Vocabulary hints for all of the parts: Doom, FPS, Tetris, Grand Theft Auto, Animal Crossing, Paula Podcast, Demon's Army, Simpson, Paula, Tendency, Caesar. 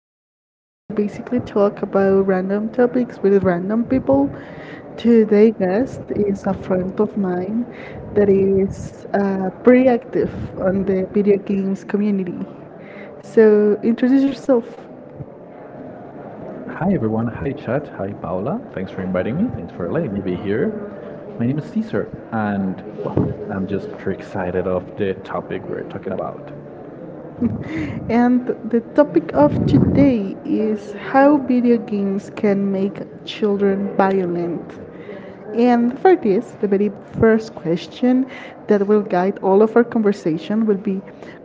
Podcast, where I basically talk about random topics with random people. Today, guest is a friend of mine that is pretty active on the video games community. So, introduce yourself. Hi everyone, hi chat, hi Paula. Thanks for inviting me. Thanks for letting me be here. My name is Caesar, and well, I'm just pretty excited of the topic we're talking about. And the topic of today is how video games can make children violent. And for this, the very first question that will guide all of our conversation will be,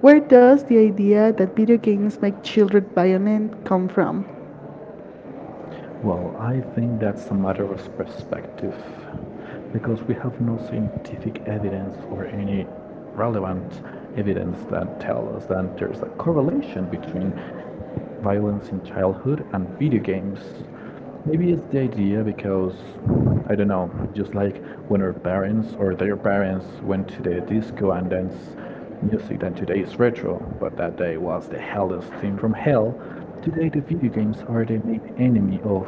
where does the idea that video games make children violent come from? Well, I think that's a matter of perspective because we have no scientific evidence or any relevant evidence that tell us that there's a correlation between violence in childhood and video games. Maybe it's the idea because I don't know, just like when our parents or their parents went to the disco and dance music than today is retro, but that day was the hellest thing from hell. Today, the video games are the main enemy of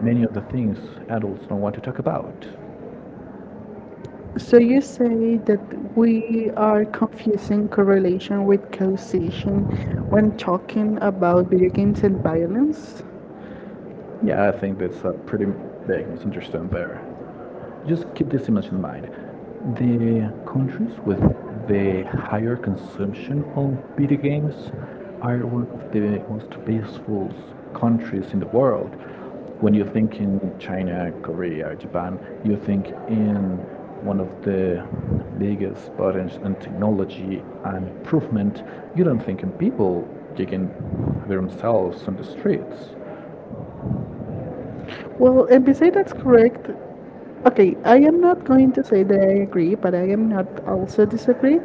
many of the things adults don't want to talk about. So you say that we are confusing correlation with causation when talking about video games and violence? Yeah, I think that's a pretty big misunderstanding there. Just keep this image in mind. The countries with the higher consumption of video games are one of the most peaceful countries in the world. When you think in China, Korea, Japan, you think in one of the biggest buttons in technology and improvement. You don't think in people taking themselves on the streets. Well, and MBC, that's correct. Okay, I am not going to say that I agree, but I am not also disagree.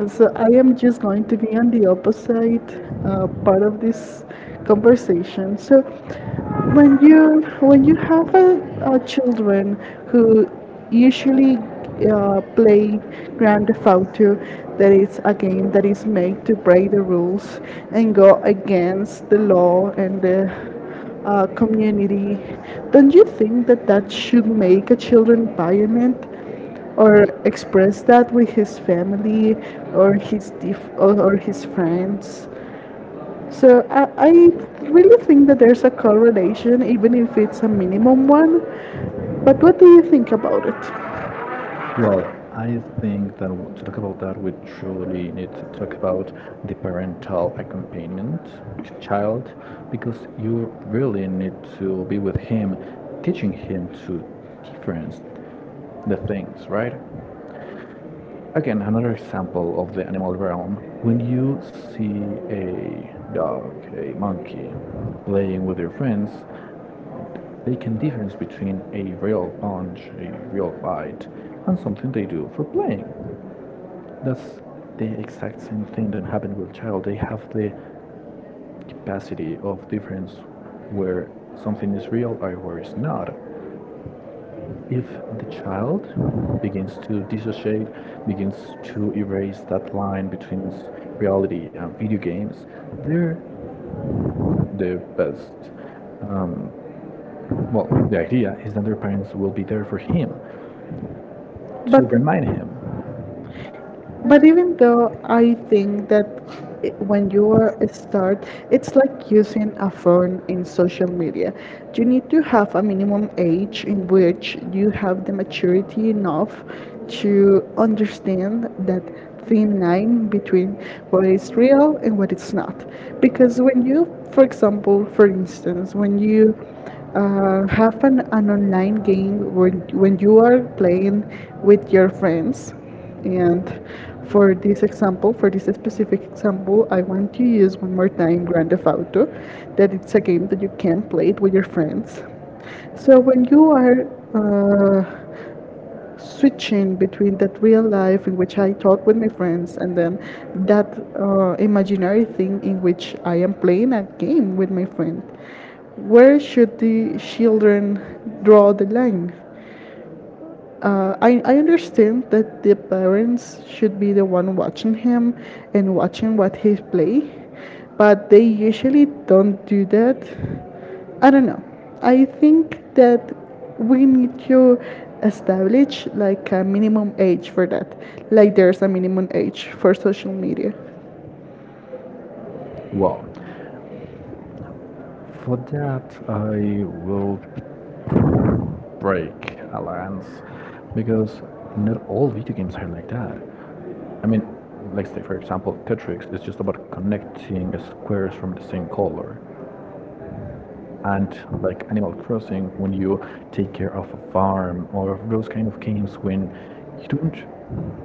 So I am just going to be on the opposite part of this conversation. So when you have a children who usually play Grand Theft Auto, that is a game that is made to break the rules and go against the law and the community, don't you think that that should make a children violent or express that with his family or his or his friends? So I really think that there's a correlation, even if it's a minimum one. But what do you think about it? Well, I think that to talk about that, we truly need to talk about the parental accompaniment to child, because you really need to be with him, teaching him to difference the things, right? Again, another example of the animal realm. When you see a dog, a monkey playing with your friends, they can difference between a real punch, a real bite, and something they do for playing. That's the exact same thing that happened with child. They have the capacity of difference where something is real or where it's not. If the child begins to dissociate, begins to erase that line between reality and video games, they're the best um, well, the idea is that their parents will be there for him But to remind him. But even though I think that when you are a start, it's like using a phone in social media. You need to have a minimum age in which you have the maturity enough to understand that thin line between what is real and what it's not. Because when you, for example, for instance, when you have an online game when you are playing with your friends, and for this example, for this specific example, I want to use one more time Grand Theft Auto, that it's a game that you can play it with your friends. So when you are uh, switching between that real life in which I talk with my friends, and then that imaginary thing in which I am playing a game with my friend, where should the children draw the line? I understand that the parents should be the one watching him and watching what he play, but they usually don't do that. I don't know. I think that we need to establish like a minimum age for that. Like there's a minimum age for social media. Well, for that, I will break a lance because not all video games are like that. I mean, let's say, for example, Tetris is just about connecting squares from the same color. And like Animal Crossing, when you take care of a farm, or those kind of games when you don't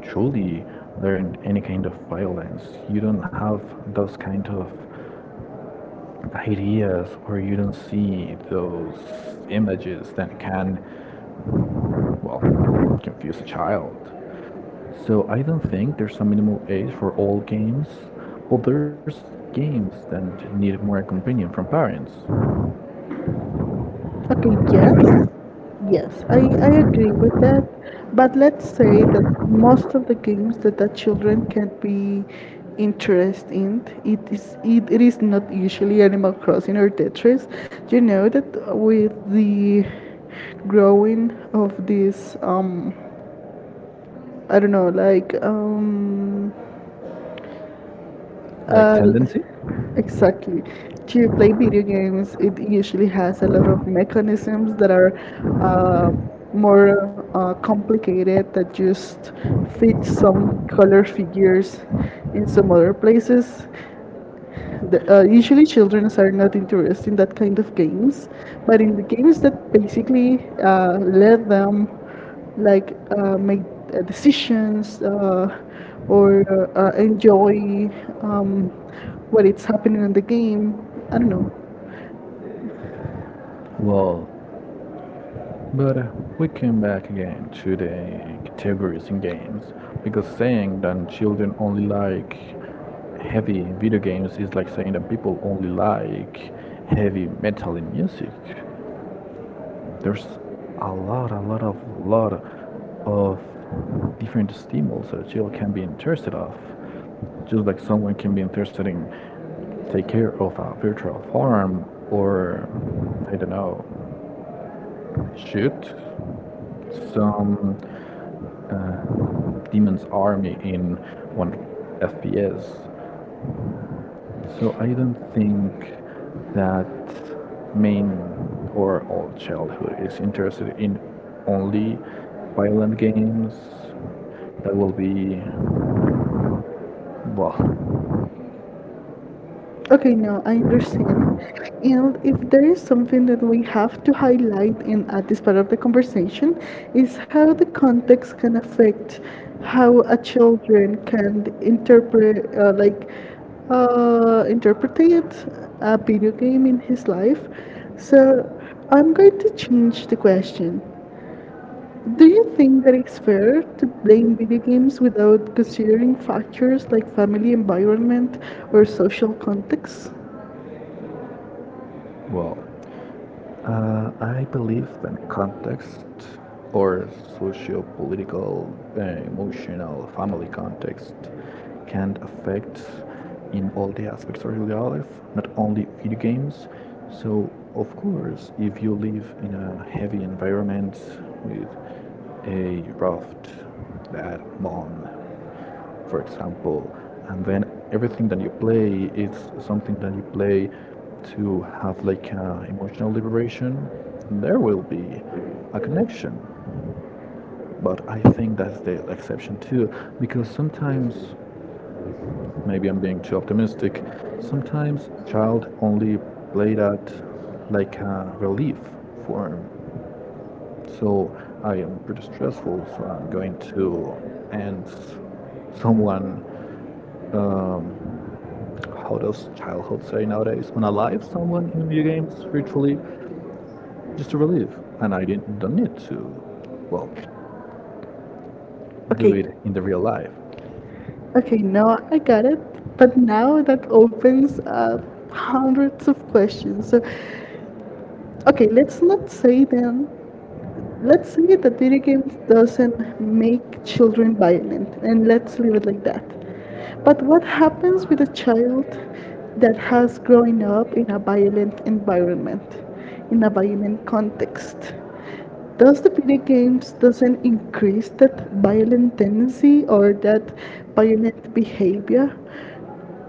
truly learn any kind of violence, you don't have those kind of ideas where you don't see those images that can, well, confuse a child. So I don't think there's a minimal age for all games. Well, there's games that need more companion from parents, Okay, yes. Yes, I agree with that. But let's say that most of the games that the children can be interested in, it is not usually Animal Crossing or Tetris. You know that with the growing of this I don't know, like like uh, Tendency. exactly. To play video games, it usually has a lot of mechanisms that are uh, more complicated that just fit some color figures in some other places. Usually, children are not interested in that kind of games, but in the games that basically let them like make decisions, or enjoy um, what is happening in the game. I don't know. Well, but we came back again to the categories in games because saying that children only like heavy video games is like saying that people only like heavy metal in music. There's a lot of different stimulus that a child can be interested of. Just like someone can be interested in take care of a virtual farm or I don't know, shoot some Demon's Army in one FPS. So I don't think that main or all childhood is interested in only violent games. That will be well. Okay, no, I understand. And if there is something that we have to highlight in at this part of the conversation, is how the context can affect how a children can interpret, like, interpretate a video game in his So, life. So I'm going to change the question. Do you think that it's fair to blame video games without considering factors like family environment or social context? wow. I believe that context or socio-political, emotional, family context can affect in all the aspects of your life, not only video games. So, of course, if you live in a heavy environment with a raft, bad mom, for example, and then everything that you play is something that you play to have like a emotional liberation, there will be a connection. But I think that's the exception too, because sometimes, maybe I'm being too optimistic, sometimes child only play that like a relief form. So I am pretty stressful, so I'm going to end someone how does childhood say nowadays when I live someone in video games virtually just to relieve, and I didn't don't need to, well, do Okay, it in the real life. okay, now I got it. But now that opens up hundreds of questions. So, okay, let's not say then, let's say that video games doesn't make children violent and let's leave it like that, but what happens with a child that has grown up in a violent environment, in a violent context? Does the video games doesn't increase that violent tendency or that violent behavior?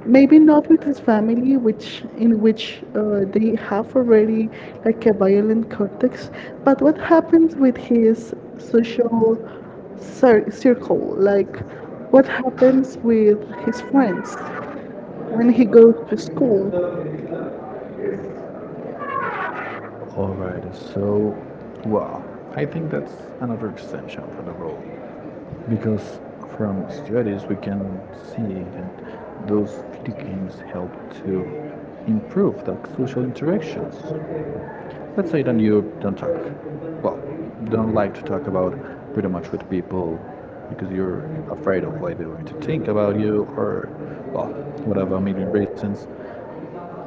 Maybe not with his family, which in which they have already like a violent context, but what happens with his social circle? Like what happens with his friends when he goes to school? Alright, so, well, I think that's another exemption from the rule, because from studies we can see that those video games help to improve the social interactions. Let's say that you don't talk, well, don't like to talk about pretty much with people because you're afraid of what they're going to think about you or, well, whatever, a million reasons.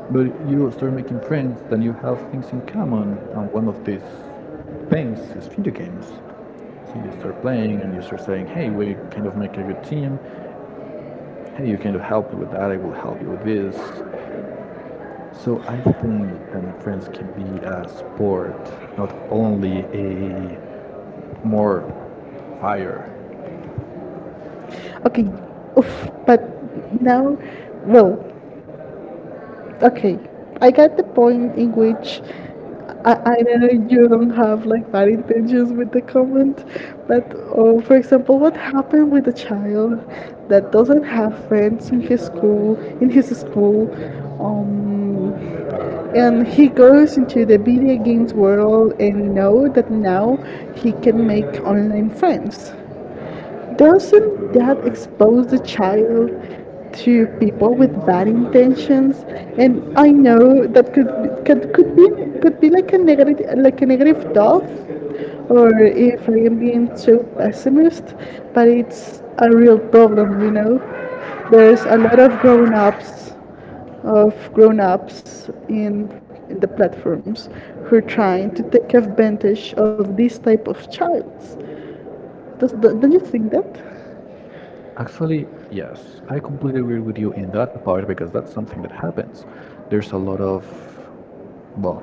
But you start making friends, then you have things in common, and one of these things is video games. So you start playing and you start saying, hey, we kind of make a good team. Hey, you kind of help me with that. I will help you with this. So I think that my friends can be a sport, not only a more fire. Okay, oof, but now, well, okay, I got the point in which I know you don't have like bad intentions with the comment, but for example, what happened with a child that doesn't have friends in his school, um, and he goes into the video games world and know that now he can make online friends. Doesn't that expose the child to people with bad intentions? And I know that could be like a negative thought, or if I am being so pessimist, but it's a real problem, you know. There's a lot of grown-ups in the platforms who are trying to take advantage of this type of child. Does, don't you think that? Actually, yes, I completely agree with you in that part because that's something that happens. There's a lot of, well,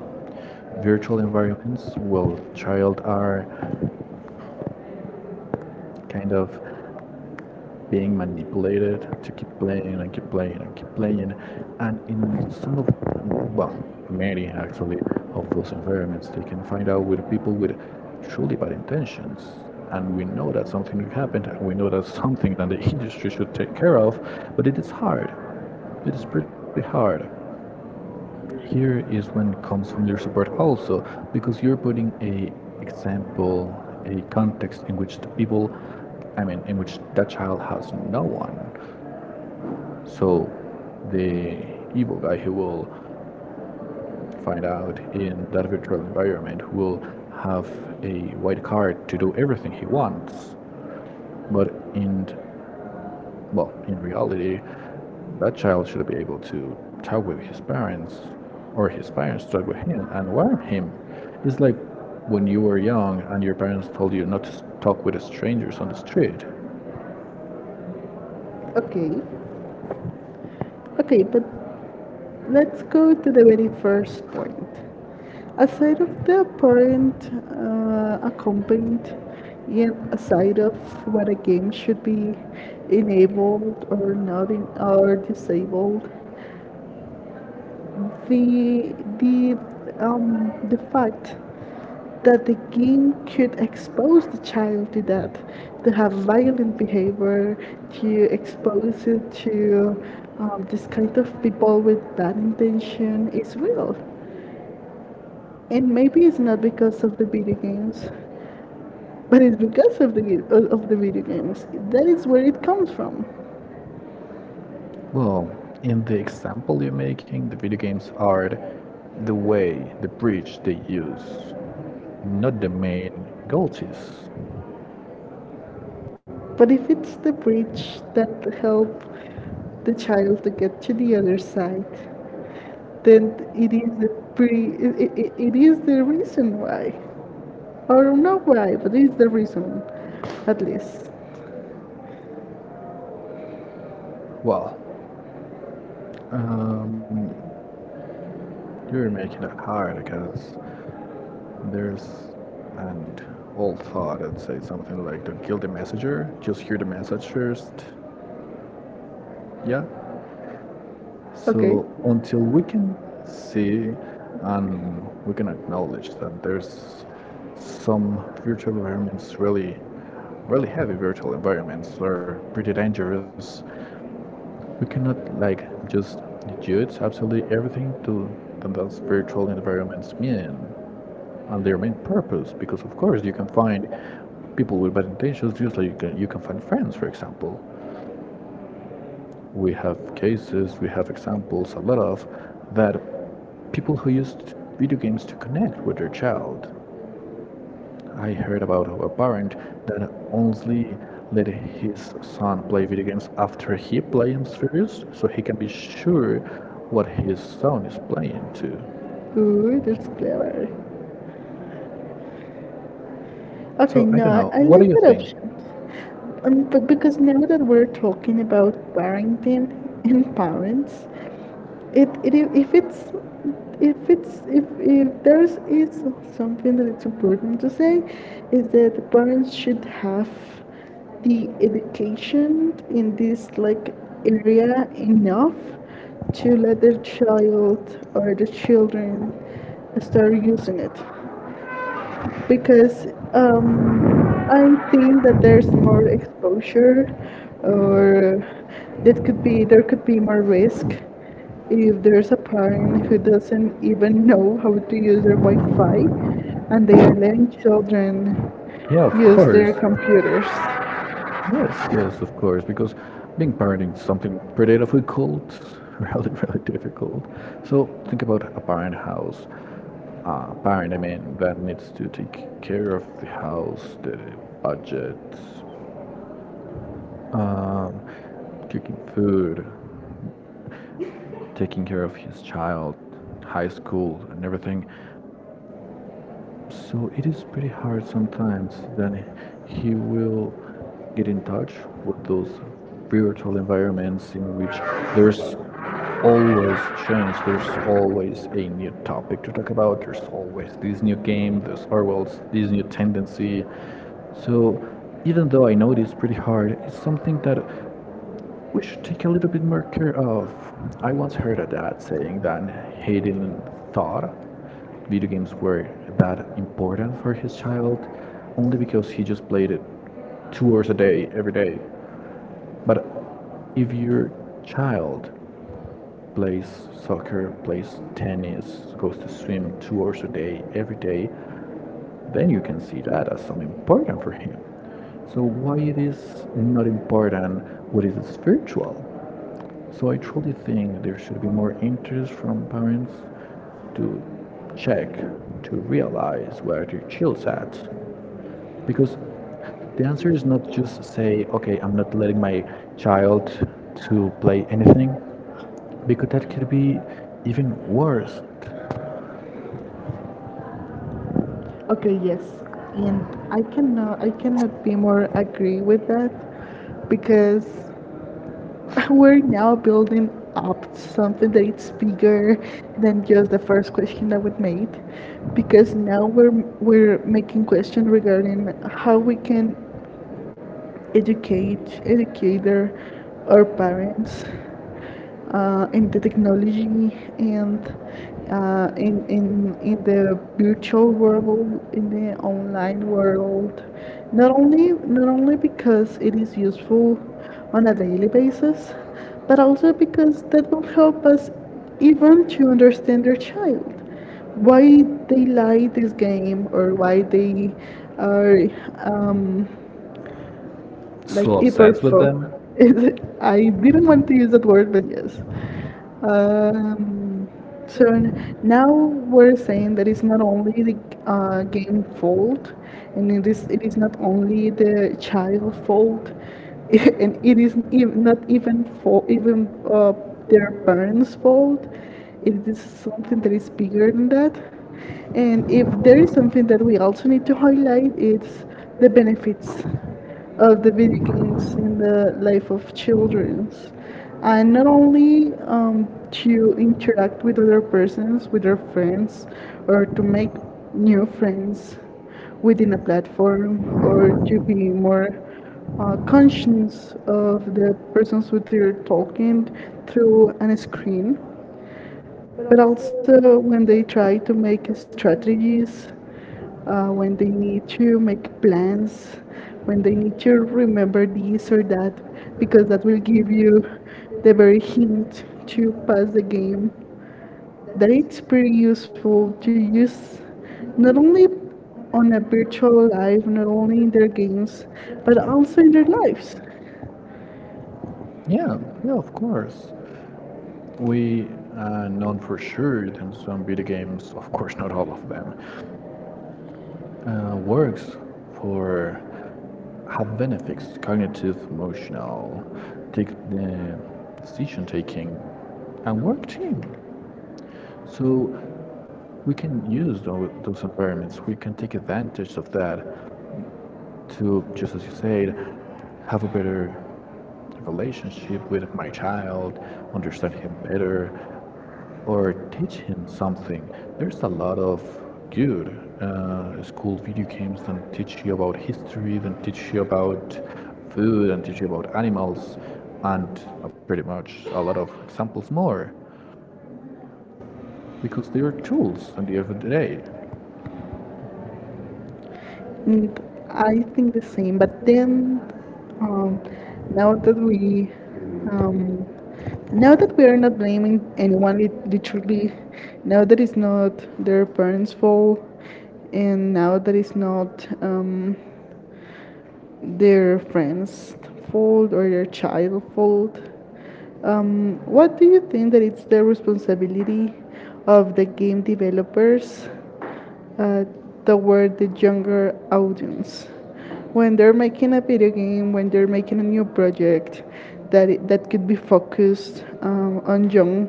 virtual environments where child are kind of being manipulated to keep playing and keep playing and keep playing. And in some of, well, many actually of those environments, they can find out with people with truly bad intentions. And we know that something happened, and we know that's something that the industry should take care of, but it is hard. It is pretty hard. Here is when it comes from your support also, because you're putting a example, a context in which the people, I mean, in which that child has no one. So the evil guy who will find out in that virtual environment will have a white card to do everything he wants. But in well, in reality, that child should be able to talk with his parents or his parents talk with him and warn him. It's like when you were young and your parents told you not to talk with strangers on the street. Okay. Okay, but let's go to the very first point. Aside of the apparent accompaniment, yet aside of what a game should be enabled or not in, or disabled, the the the fact that the game could expose the child to that, to have violent behavior, to expose it to this kind of people with bad intention is real. And maybe it's not because of the video games, but it's because of the video games. That is where it comes from. Well, in the example you're making, the video games are the way, the bridge they use, not the main goal is. But if it's the bridge that help the child to get to the other side, then it is the it is the reason why. Or no why, but this is the reason, at least. Well, um, you're making it hard because there's an old thought and say something like, don't kill the messenger, just hear the message first. Yeah? Okay. So until we can see and we can acknowledge that there's some virtual environments really really heavy virtual environments are pretty dangerous. We cannot like just judge absolutely everything to that those virtual environments mean and their main purpose because of course you can find people with bad intentions just like you can find friends, for example. We have cases, we have examples, a lot of that people who used video games to connect with their child. I heard about a parent that only let his son play video games after he plays them first, so he can be sure what his son is playing too. Ooh, that's clever. Okay, So I no, don't I, know. I What do like you that think? option. But because now that we're talking about parenting and parents, it if it's if it's if there is something that it's important to say is that the parents should have the education in this like area enough to let their child or the children start using it because um, I think that there's more exposure, or that could be, there could be more risk if there's a parent who doesn't even know how to use their Wi-Fi, and they are letting children Yeah, of use course. their computers. Yes, yes, of course. Because being parenting is something pretty difficult, really, really difficult. So think about a parent house. Parent, I mean, that needs to take care of the house, the budget, um, cooking food, taking care of his child, high school, and everything. So it is pretty hard sometimes. Then he will get in touch with those virtual environments in which there's always change, there's always a new topic to talk about, there's always this new game, there's always this new tendency. So even though I know it is pretty hard, it's something that we should take a little bit more care of. I once heard a dad saying that he didn't thought video games were that important for his child only because he just played it 2 hours a day every day. But if your child plays soccer, plays tennis, goes to swim 2 hours a day every day, then you can see that as something important for him. So why it is not important what is spiritual? So I truly think there should be more interest from parents to check to realize where their child's at, because the answer is not just say okay, I'm not letting my child to play anything, because that could be even worse. Okay, yes, and I cannot be more agree with that Okay, because yes. we're now building up to But something that it's bigger than just the first question that we made, because now we're making questions regarding how we can educator, or parents in the technology and in the virtual world, in the online world, not only, not only because it is useful on a daily basis, but also because that will also, help us even to understand their child, why they like this game or why they are um, like so obsessed with hyperfo. them? Is it? I didn't want to use that word, but yes. Um, so n- Now we're saying that it's not only the game fault, and it is not only the child fault, and it is not even their parents' fault. It is something that is bigger than that. And if there is something that we also need to highlight, it's the benefits of the video games in the life of childrens, and not only to interact with other persons with their friends, or to make new friends within a platform, or to be more conscious of the persons who they're Thank you. talking through an screen, But I'm but still in my also when they contract, try to make I've strategies, when um, they need to make plans, when they the need to so remember this or that, because because I that was will give you they the were in. very hint to pass the game. That That is it's pretty useful to use not only on a virtual life, not only in their games, but also in really. their lives. Yeah, yeah, of course. We are known for sure in some video games, of course, not all of them, works for have benefits cognitive emotional take the decision taking and work team, so we can use those, environments. We can take advantage of that to, just as you said, have a better relationship with my child, understand him better, or teach him something. There's a lot of good school video games that teach you about history, that teach you about food, and teach you about animals, and pretty much a lot of examples more, because they are tools at the end of the day. Mm, I think the same, but then um, now that we um, now that we are not blaming anyone, literally, now that it's not their parents' fault, and now that it's not their friends fault or their child fault. What do you think that it's the responsibility of the game developers uh, toward the younger audience when they're making a video game, when they're making a new project that it, that could be focused on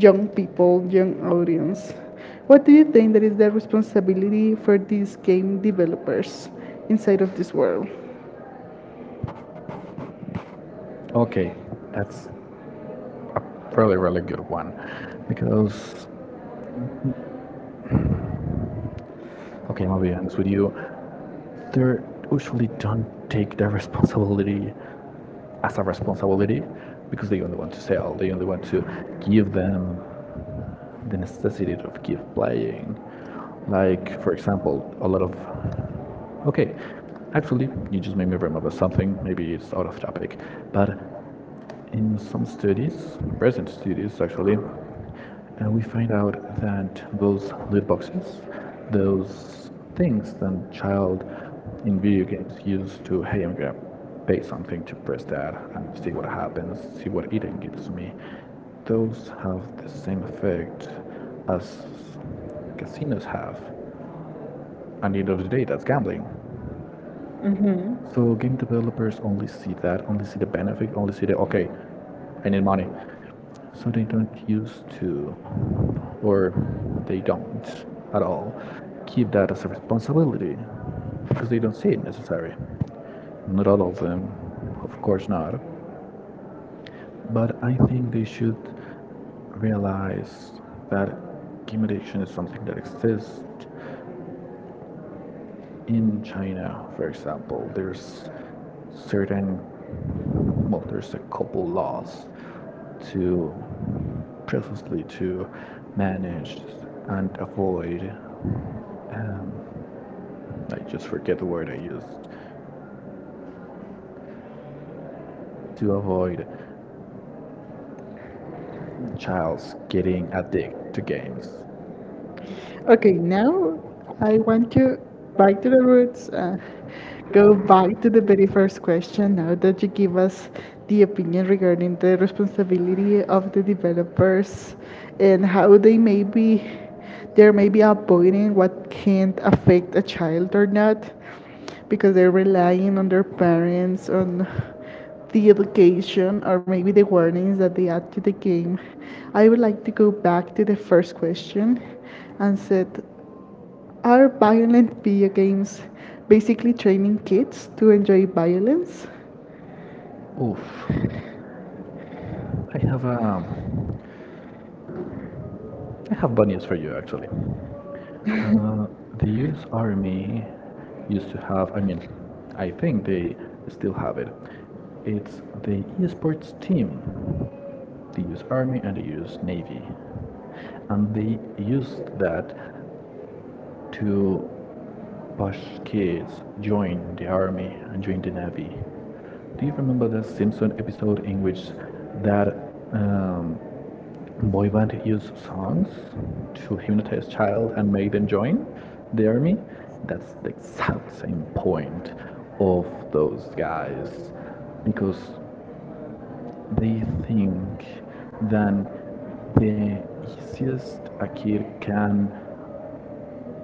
young people, young audience. What do you think that is the responsibility for these game developers inside of this world? Okay, that's really really good one, because okay, I'm gonna be honest with you, they usually don't take the responsibility as a responsibility because they only want to sell, they only want to give them the necessity of keep playing. Like, for example, a lot of, okay, actually, you just made me remember something. Maybe it's out of topic, but in some studies, recent studies actually, and we find out that those loot boxes, those things that child in video games use to, hey, I'm gonna pay something to press that and see what happens, see what Eden gives me, those have the same effect as casinos have. And at the end of the day, that's gambling. Mm-hmm. So game developers only see that, only see the benefit, only see the okay, I need money. So they don't use to, or they don't at all, keep that as a responsibility because they don't see it necessary. Not all of them, of course not. But I think they should realize that game addiction is something that exists in China, for example. There's certain, well, there's a couple laws to, precisely to manage and avoid. Um, I just forget the word I used to avoid childs getting addicted to games. Okay, now I want you back to the roots. Go back to the very first question now that you give us the opinion regarding the responsibility of the developers and how they're maybe avoiding what can't affect a child or not because they're relying on their parents, on the education, or maybe the warnings that they add to the game, I would like to go back to the first question and said, are violent video games basically training kids to enjoy violence? Oof, I have um, I have bad news for you actually. Uh, the U.S. Army used to have, I mean, I think they still have it. It's the esports team, the U.S. Army and the U.S. Navy, and they used that to push kids join the army and join the navy. Do you remember that Simpson episode in which that um, boy band use songs to hypnotize child and make them join the army? That's the exact same point of those guys because they think that the easiest a kid can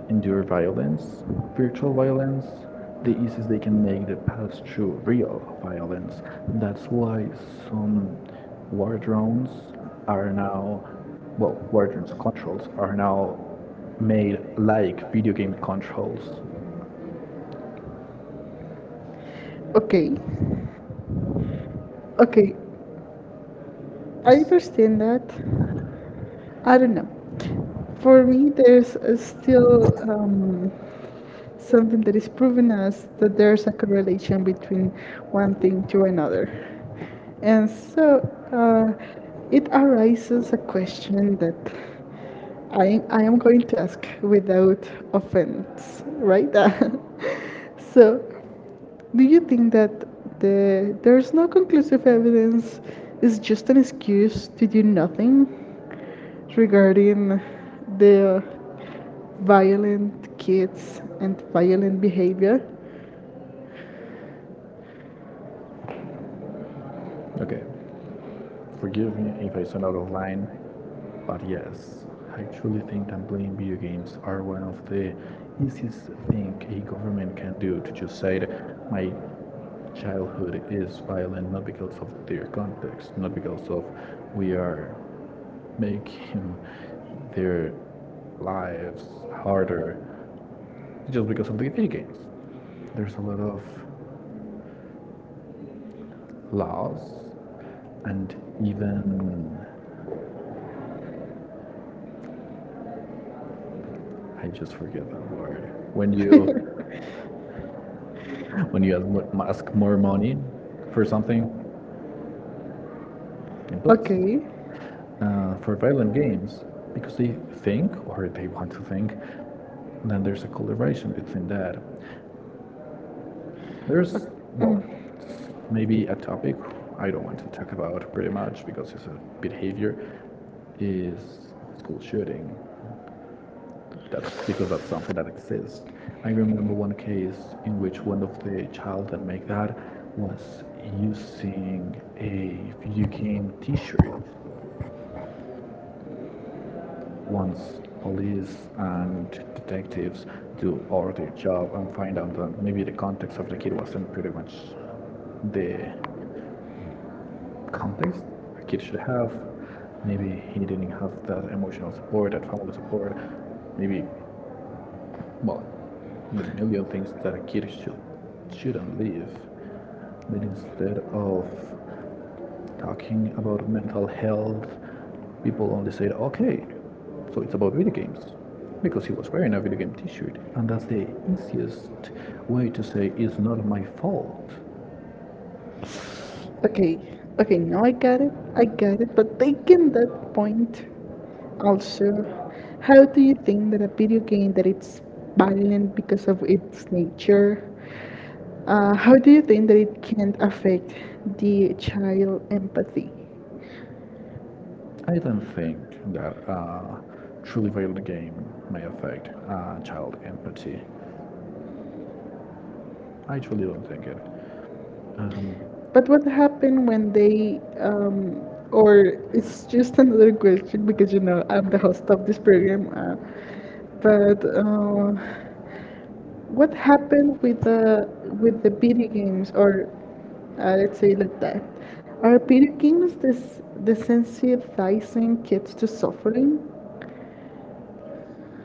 endure violence, virtual violence, the easiest they can make the past through real violence. That's why some war drones are now, well, war drones controls are now made like video game controls. Okay, okay, I S- understand that. I don't know. For me, there's still something that is proving us that there's a correlation between one thing to another. And so Uh, uh, it arises a question that I am going to ask without offense, right? So, do you think that there's no conclusive evidence is just an excuse to do nothing regarding the violent kids and violent behavior? Okay, forgive me if I sound out of line, but yes, I truly think that playing video games are one of the easiest thing a government can do to just say that my childhood is violent not because of their context, not because of we are making their lives harder, it's just because of the video games. There's a lot of laws and even I just forget the word when you ask ask more money for something, but Okay, for violent games because they think or they want to think, then there's a collaboration between that. There's, well, it's maybe a topic I don't want to talk about pretty much because it's a behavior is school shooting. That's because that's something that exists. I remember one case in which one of the child that make that was using a video game T-shirt. Once police and detectives do all their job and find out that maybe the context of the kid wasn't pretty much the context a kid should have. Maybe he didn't have that emotional support, that family support. Maybe, well, the million things that a kid should shouldn't live. But instead of talking about mental health, people only said, okay, so it's about video games. Because he was wearing a video game t shirt. And that's the easiest way to say it's not my fault. okay, okay, now I got it, but taking that point also, how do you think that a video game that it's violent because of its nature, how do you think that it can affect the child empathy? I don't think that a truly violent game may affect child empathy. I truly don't think it. Um, But what happened when they, or it's just another question because you know I'm the host of this program. But What happened with the video games, or let's say like that? Are video games this desensitizing kids to suffering?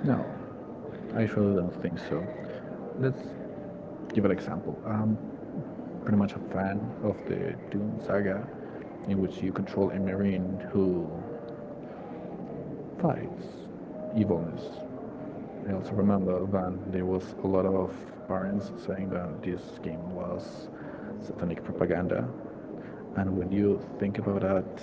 No, I surely don't think so. Let's give an example. I'm pretty much a fan of the Doom saga, in which you control a marine who fights evilness. I also remember that there was a lot of parents saying that this game was satanic propaganda. And when you think about that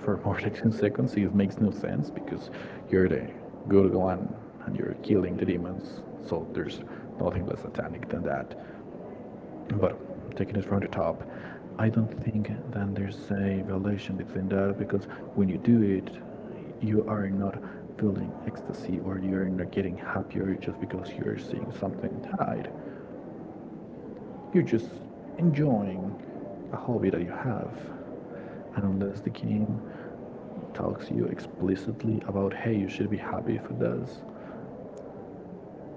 for more than 2 seconds, it makes no sense because you're the good one and you're killing the demons. So there's nothing less satanic than that. But taking it from the top, I don't think that there's a violation between that because when you do it, you are not feeling ecstasy or you're not getting happier just because you're seeing something died. You're just enjoying a hobby that you have. And unless the game talks to you explicitly about, hey, you should be happy if it does,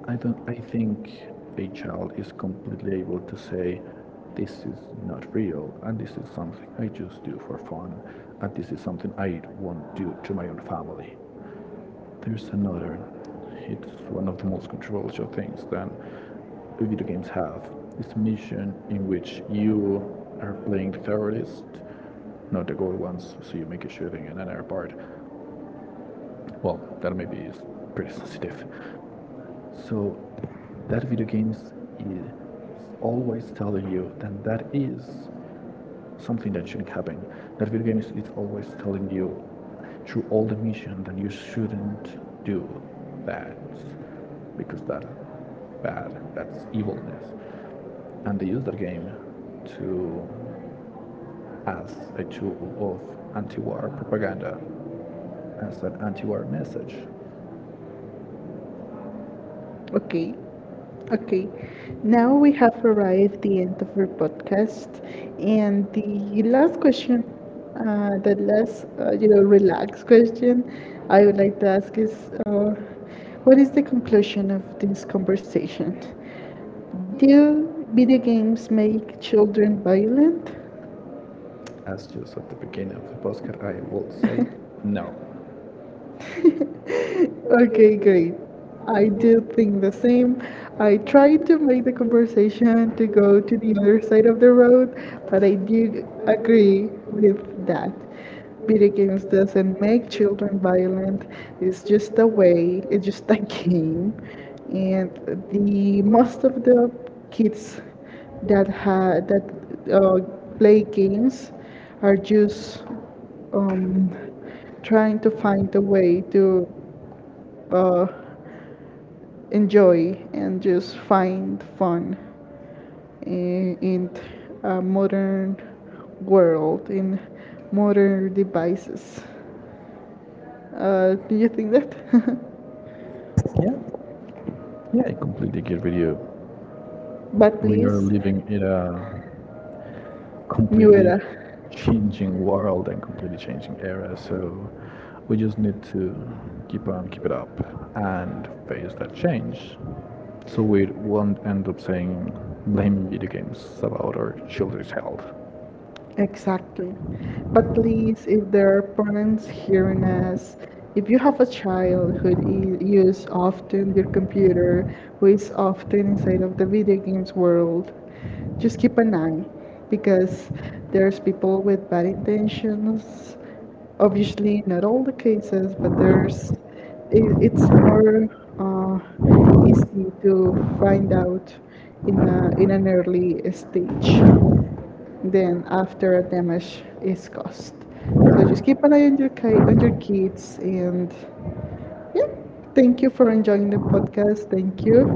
I don't. I think a child is completely able to say, "This is not real, and this is something I just do for fun, and this is something I won't do to my own family." There's another. It's one of the most controversial things that video games have. It's a mission in which you are playing the terrorist, not the gold ones, so you make a shooting in another part. Well, that maybe is pretty sensitive. So that video games is always telling you that that is something that shouldn't happen. That video games is always telling you through all the mission that you shouldn't do that because that's bad, that's evilness. And they use that game to, as a tool of anti-war propaganda, as an anti-war message. Okay. Okay, now we have arrived at the end of our podcast, and the last question, the last you know, relaxed question I would like to ask is, what is the conclusion of this conversation? Do video games make children violent? As just at the beginning of the podcast, I will say no. Okay, Okay, great. great. I I did do the think the same. same. I'm I trying to tried to make remember the conversation which one to to go to the to for the other side of second the one. road, but I We do agree agree with with that. that. It Video is games that doesn't many make children children were, violent. it's It's just the just a way way, they it's just a teach. game. And And the the most most of of the the kids kids that have that uh, play played games games are are just, just um, um, trying trying to to find find a a way way to. to uh, enjoy and just find fun in a modern world, in modern devices. Do you think that? Yeah. Yeah, I completely get with you. But We are please, living in a new completely era. changing world and completely changing era, so we just need to keep on keep it up and face that change. So we won't end up saying blaming video games about our children's health. Exactly. But please, if there are parents Thank hearing us, if you have a child who use often your computer, who is often inside of the video games world, just keep an eye because there's people with bad intentions. Obviously, not all the cases, but there's it's more uh, easy to find out in a in an early stage you, then after a damage is caused. yeah, So just um, keep an eye on your kids and yeah, thank you for enjoying the podcast. Thank you,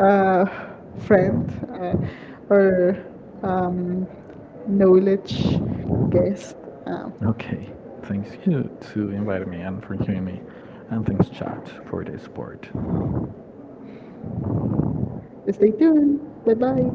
uh, friend uh, or um, knowledge no. guest. Um, Okay, thanks you to invite me and for hearing me, and thanks chat for the support. Stay tuned. Bye bye.